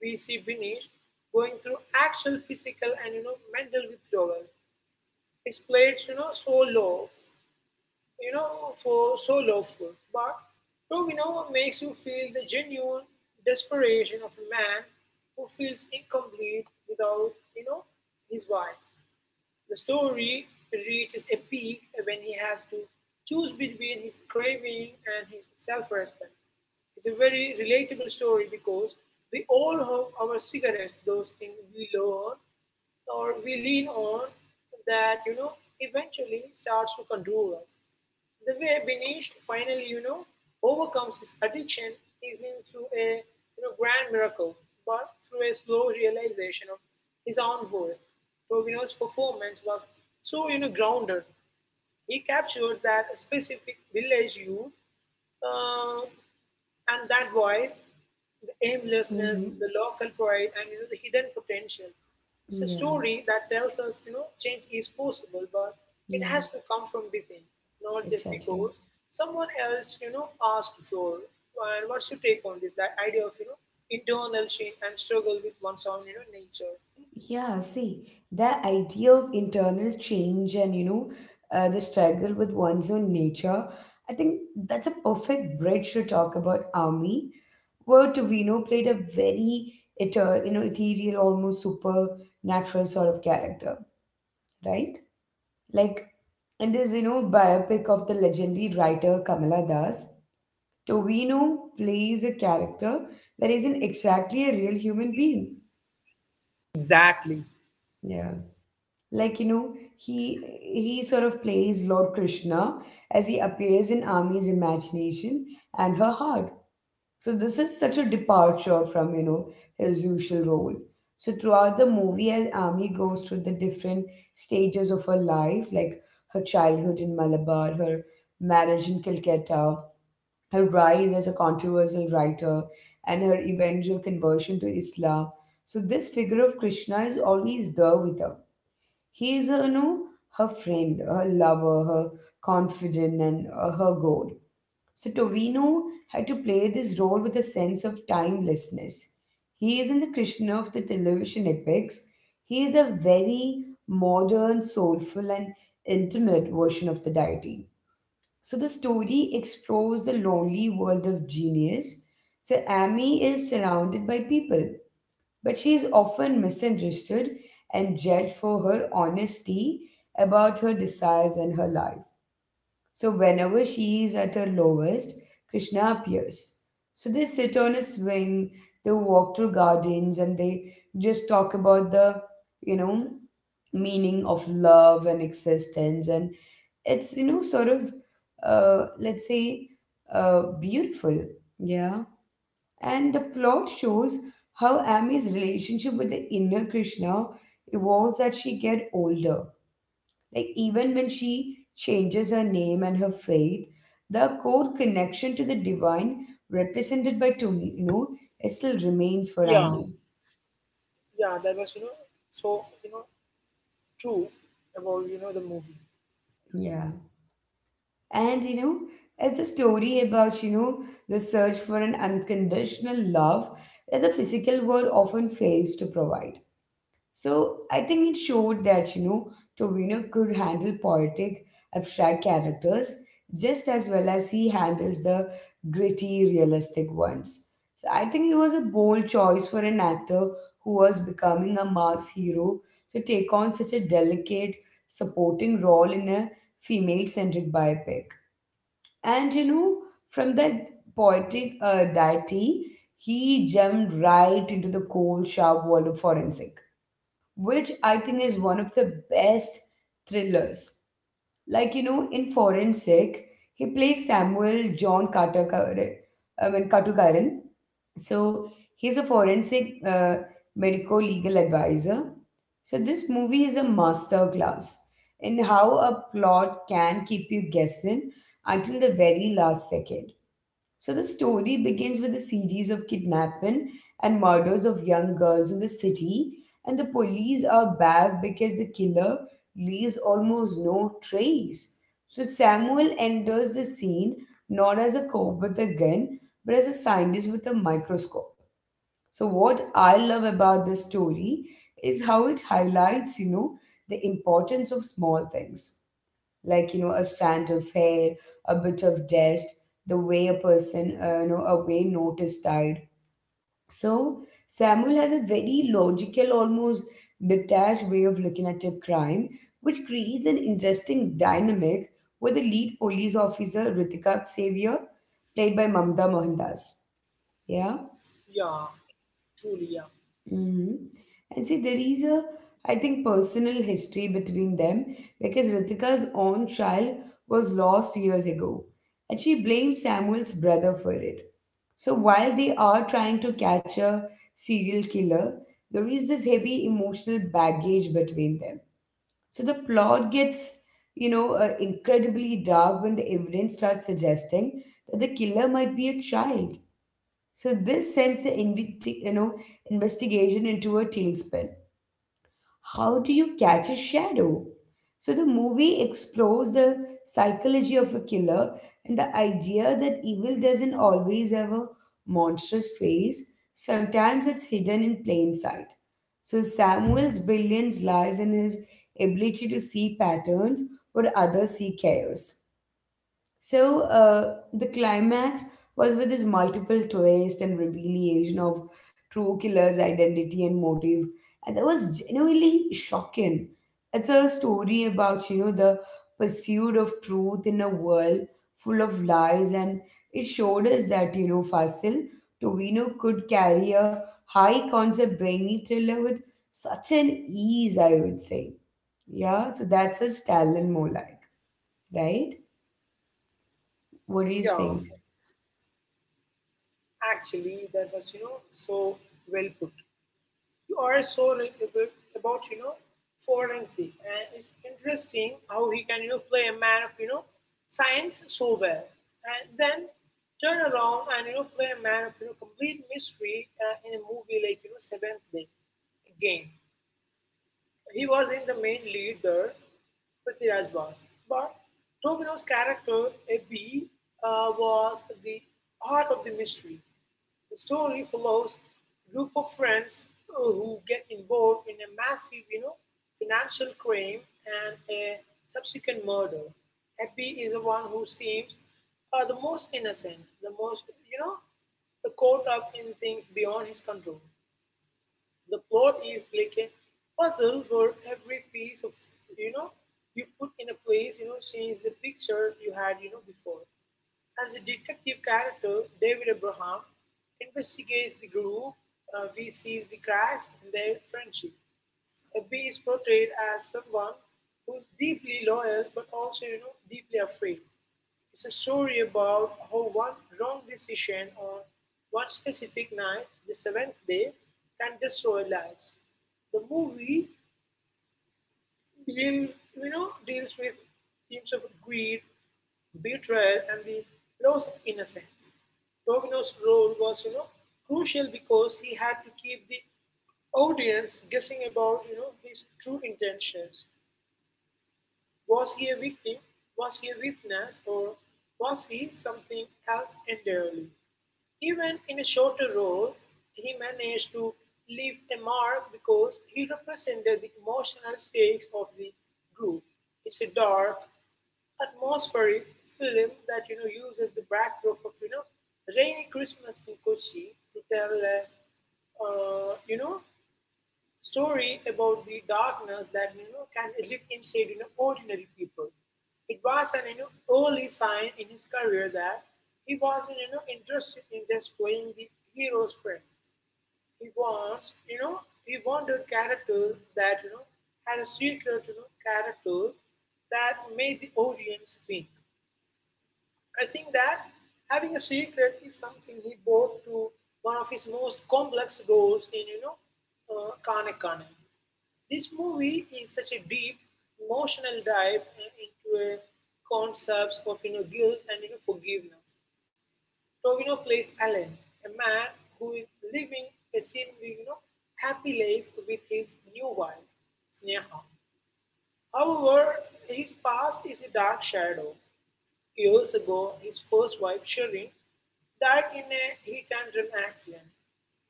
S2: We see Binish going through actual physical and mental withdrawal. His plates so low for so lawful. But Domino makes you feel the genuine desperation of a man who feels incomplete without, his wives. The story reaches a peak when he has to choose between his craving and his self-respect. It's a very relatable story because we all have our cigarettes, those things we love or we lean on that, eventually starts to control us. The way Benish finally, overcomes his addiction isn't through a grand miracle, but through a slow realization of his own worth. Rovino's performance was so, grounded. He captured that specific village youth uh, and that void, the aimlessness, the
S1: Mm-hmm.
S2: local pride, and the hidden potential. It's a
S1: Yeah,
S2: story that tells us, change is possible, but it
S1: yeah,
S2: has to come from within, not just
S1: exactly.
S2: because someone else, asked for. And what's your take on this? That idea of, internal change and struggle with one's own, nature.
S1: Yeah, see, the idea of internal change and, you know, the struggle with one's own nature, I think that's a perfect bridge to talk about army where Tovino played a very you know ethereal, almost supernatural sort of character, right? Like in this you know biopic of the legendary writer Kamala Das, Tovino plays a character that isn't exactly a real human being.
S2: Exactly.
S1: Yeah, like you know he sort of plays Lord Krishna as he appears in Army's imagination and her heart. So this is such a departure from you know his usual role. So throughout the movie, as Ami goes through the different stages of her life, like her childhood in Malabar, her marriage in Calcutta, her rise as a controversial writer, and her eventual conversion to Islam. So this figure of Krishna is always there with her. He is, you know, her friend, her lover, her confidant, and her god. So Tovino had to play this role with a sense of timelessness. He isn't the Krishna of the television epics. He is a very modern, soulful, and intimate version of the deity. So the story explores the lonely world of genius. So Amy is surrounded by people, but she is often misunderstood and judged for her honesty about her desires and her life. So whenever she is at her lowest, Krishna appears. So they sit on a swing, they walk through gardens, and they just talk about the, you know, meaning of love and existence. And it's, you know, sort of, let's say, beautiful. Yeah. And the plot shows how Amy's relationship with the inner Krishna evolves as she gets older, like, even when she changes her name and her faith, the core connection to the divine represented by Tomino still remains for
S2: Yeah,
S1: Ami.
S2: yeah, that was, so, true about, the movie.
S1: Yeah. And, you know, it's a story about, you know, the search for an unconditional love that the physical world often fails to provide. So I think it showed that, you know, Tovino could handle poetic, abstract characters just as well as he handles the gritty, realistic ones. So I think it was a bold choice for an actor who was becoming a mass hero to take on such a delicate, supporting role in a female centric biopic. And you know, from that poetic deity, he jumped right into the cold, sharp world of forensic, which I think is one of the best thrillers. Like, you know, in Forensic, he plays Samuel John Carter, I mean, Katukaran. So he's a forensic medico legal advisor. So this movie is a masterclass in how a plot can keep you guessing until the very last second. So the story begins with a series of kidnapping and murders of young girls in the city, and the police are baffled because the killer leaves almost no trace. So Samuel enters the scene not as a cop with a gun, but as a scientist with a microscope. So what I love about this story is how it highlights, you know, the importance of small things like you know a strand of hair, a bit of dust, the way a person you know a way noticed died. So Samuel has a very logical, almost detached way of looking at a crime, which creates an interesting dynamic with the lead police officer Ritika Xavier, played by Mamta Mohandas. Yeah.
S2: Yeah, truly, yeah.
S1: Mhm. And see, there is a, I think, personal history between them because Ritika's own child was lost years ago, and she blames Samuel's brother for it. So while they are trying to catch a serial killer, there is this heavy emotional baggage between them. So the plot gets, you know, incredibly dark when the evidence starts suggesting that the killer might be a child. So this sends the you know investigation into a tailspin. How do you catch a shadow? So the movie explores the psychology of a killer and the idea that evil doesn't always have a monstrous face. Sometimes it's hidden in plain sight. So Samuel's brilliance lies in his ability to see patterns where others see chaos. So the climax was with this multiple twist and revelation of true killer's identity and motive, and that was genuinely shocking. It's a story about you know the pursuit of truth in a world full of lies, and it showed us that you know Fasil Tovino could carry a high concept brainy thriller with such an ease, I would say. Yeah, so that's a Stalin more like, right? What do you
S2: Yeah,
S1: think?
S2: actually, that was, so well put. You are so right about, forensic. And it's interesting how he can, play a man of, science so well. And then turn around and, play a man of, complete mystery in a movie like, Seventh Day. Again, he was in the main lead there, Prithviraj was. But Tobino's character, Abhi was the heart of the mystery. The story follows a group of friends who get involved in a massive, financial crime and a subsequent murder. Happy is the one who seems the most innocent, the most, you know, caught up in things beyond his control. The plot is like a puzzle where every piece of, you know, you put in a place, change the picture you had, before. As the detective character, David Abraham investigates the group, we see the cracks in their friendship. B is portrayed as someone who's deeply loyal but also, deeply afraid. It's a story about how one wrong decision on one specific night, the seventh day, can destroy lives. The movie deals with themes of greed, betrayal and the loss of innocence. Domino's role was, crucial because he had to keep the audience guessing about, his true intentions. Was he a victim? Was he a witness? Or was he something else entirely? Even in a shorter role, he managed to leave a mark because he represented the emotional stakes of the group. It's a dark, atmospheric film that uses the backdrop of rainy Christmas in Kochi to tell a uh, you know story about the darkness that can live inside ordinary people. It was an early sign in his career that he wasn't interested in just playing the hero's friend. He wanted characters that had a secret characters that made the audience think. I think that having a secret is something he brought to one of his most complex roles in, Kane Kane. This movie is such a deep emotional dive into a concepts of guilt and forgiveness. Tovino plays Alan, a man who is living a seemingly happy life with his new wife, Sneha. However, his past is a dark shadow. Years ago, his first wife, Sherin, died in a hit and run accident.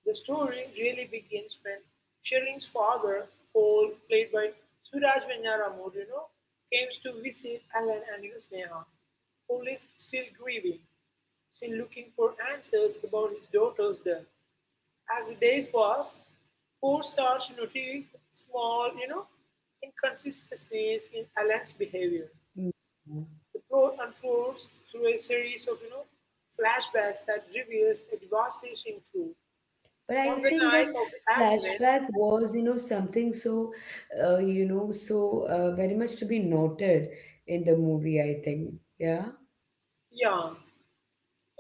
S2: The story really begins when Sherin's father, Paul, played by Suraj Venyaramoor, comes to visit Alan and Sneha. Paul is still grieving, still looking for answers about his daughter's death. As the days pass, Paul starts to notice small, inconsistencies in Alan's behavior.
S1: Mm.
S2: The plot unfolds through a series of flashbacks that reveals a devastating truth.
S1: But I
S2: On the
S1: think that
S2: night of the accident,
S1: flashback was, you know, something so, you know, so very much to be noted in the movie, I think. Yeah.
S2: Yang.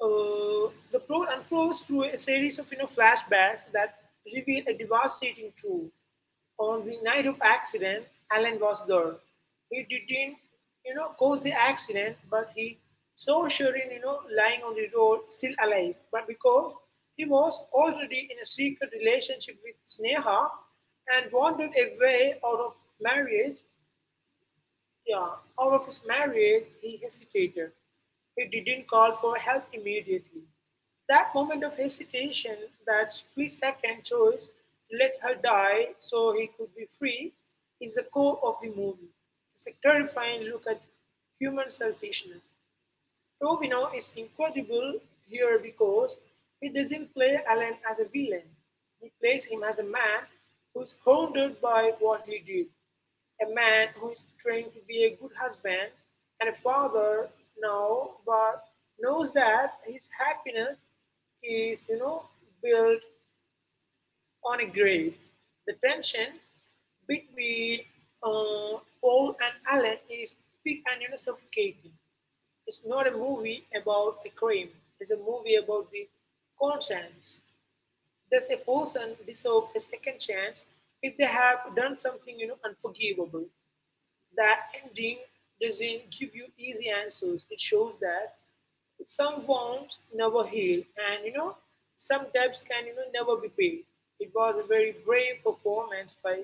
S2: The plot unfolds through a series of flashbacks that reveal a devastating truth. On the night of accident, Alan was there. He didn't, cause the accident, but he saw Sherin, lying on the road, still alive. But because he was already in a secret relationship with Sneha and wanted a way marriage, yeah, out of his marriage, he hesitated. He didn't call for help immediately. That moment of hesitation, that split second choice to let her die so he could be free, is the core of the movie. It's a terrifying look at human selfishness. Rovino is incredible here because he doesn't play Alan as a villain. He plays him as a man who's haunted by what he did, a man who is trying to be a good husband and a father now, but knows that his happiness is, built on a grave. The tension between Paul and Alan is big and suffocating. It's not a movie about a crime, it's a movie about the conscience. Does a person deserve a second chance if they have done something unforgivable? That ending doesn't give you easy answers. It shows that some wounds never heal, and some debts can never be paid. It was a very brave performance by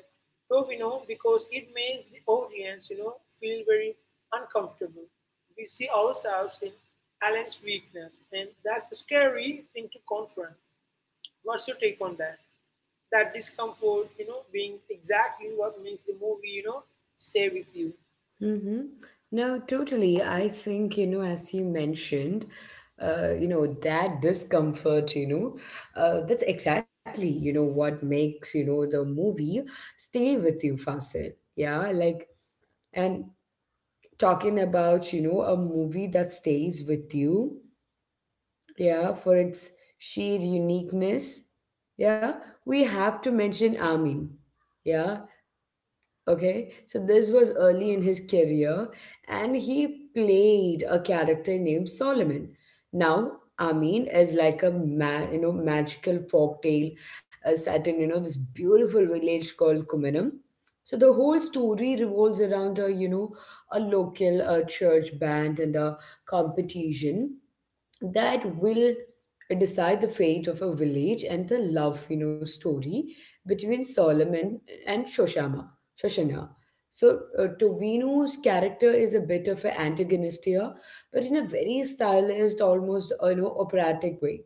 S2: Tovino because it makes the audience feel very uncomfortable. We see ourselves in Alan's weakness, and that's a scary thing to confront. What's your take on that? That discomfort, being exactly what makes the movie, stay with you.
S1: Mm-hmm. No, totally. I think, you know, as you mentioned, you know, that discomfort, you know, that's exactly, you know, what makes, you know, the movie stay with you, Fasil. Yeah. Like, and talking about, you know, a movie that stays with you, yeah, for its sheer uniqueness. Yeah, we have to mention Amin. Yeah, okay. So this was early in his career, and he played a character named Solomon. Now, Amin is like a you know magical folktale set in you know this beautiful village called Kuminam. So the whole story revolves around a you know a local church band and a competition that will decide the fate of a village and the love you know story between Solomon and shoshama Shoshana. So Tovino's character is a bit of an antagonist here, but in a very stylized, almost you know operatic way.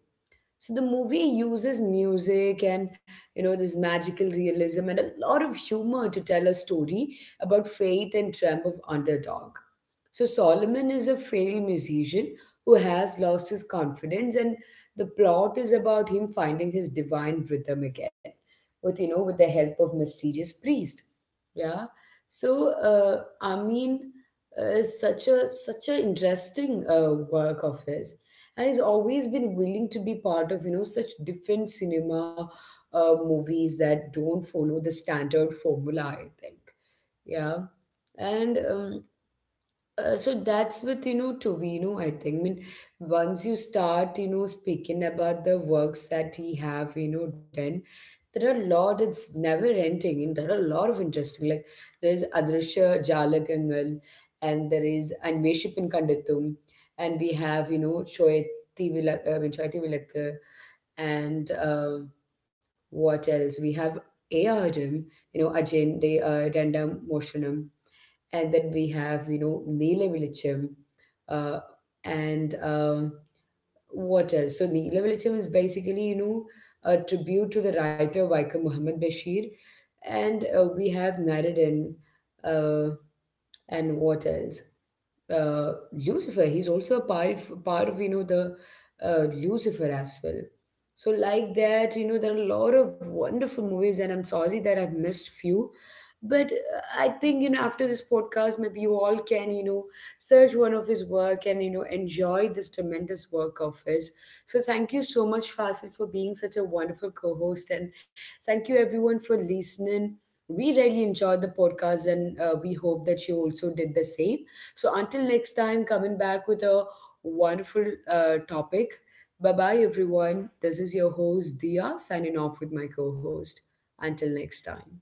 S1: So the movie uses music and you know this magical realism and a lot of humor to tell a story about faith and triumph of underdog. So Solomon is a failed musician who has lost his confidence, and the plot is about him finding his divine rhythm again, with with the help of mysterious priest. Yeah. So I mean, such a interesting work of his, and he's always been willing to be part of you know such different cinema movies that don't follow the standard formula, I think. Yeah. And so that's with you know Tovino, I think. I mean, once you start, you know, speaking about the works that he have, you know, done, there are a lot. It's never ending, and there are a lot of interesting. Like there is Adrisha Jalagangal, and there is Anveshipin Kandatum, and we have you know Choyati Vilakka, and what else? We have A.R.M., you know, Ajay De Randam Moshanam, and then we have you know Nila Velicham, uh, and what else? So Nila Velicham is basically you know a tribute to the writer Waika Muhammad Bashir, and we have Naradin, and what else? Lucifer. He's also a part of you know the Lucifer as well. So like that, you know, there are a lot of wonderful movies, and I'm sorry that I've missed few. But I think you know after this podcast, maybe you all can you know search one of his work and you know enjoy this tremendous work of his. So thank you so much, Fasil, for being such a wonderful co-host, and thank you everyone for listening. We really enjoyed the podcast, and we hope that you also did the same. So until next time, coming back with a wonderful topic. Bye bye, everyone. This is your host, Dia, signing off with my co host. Until next time.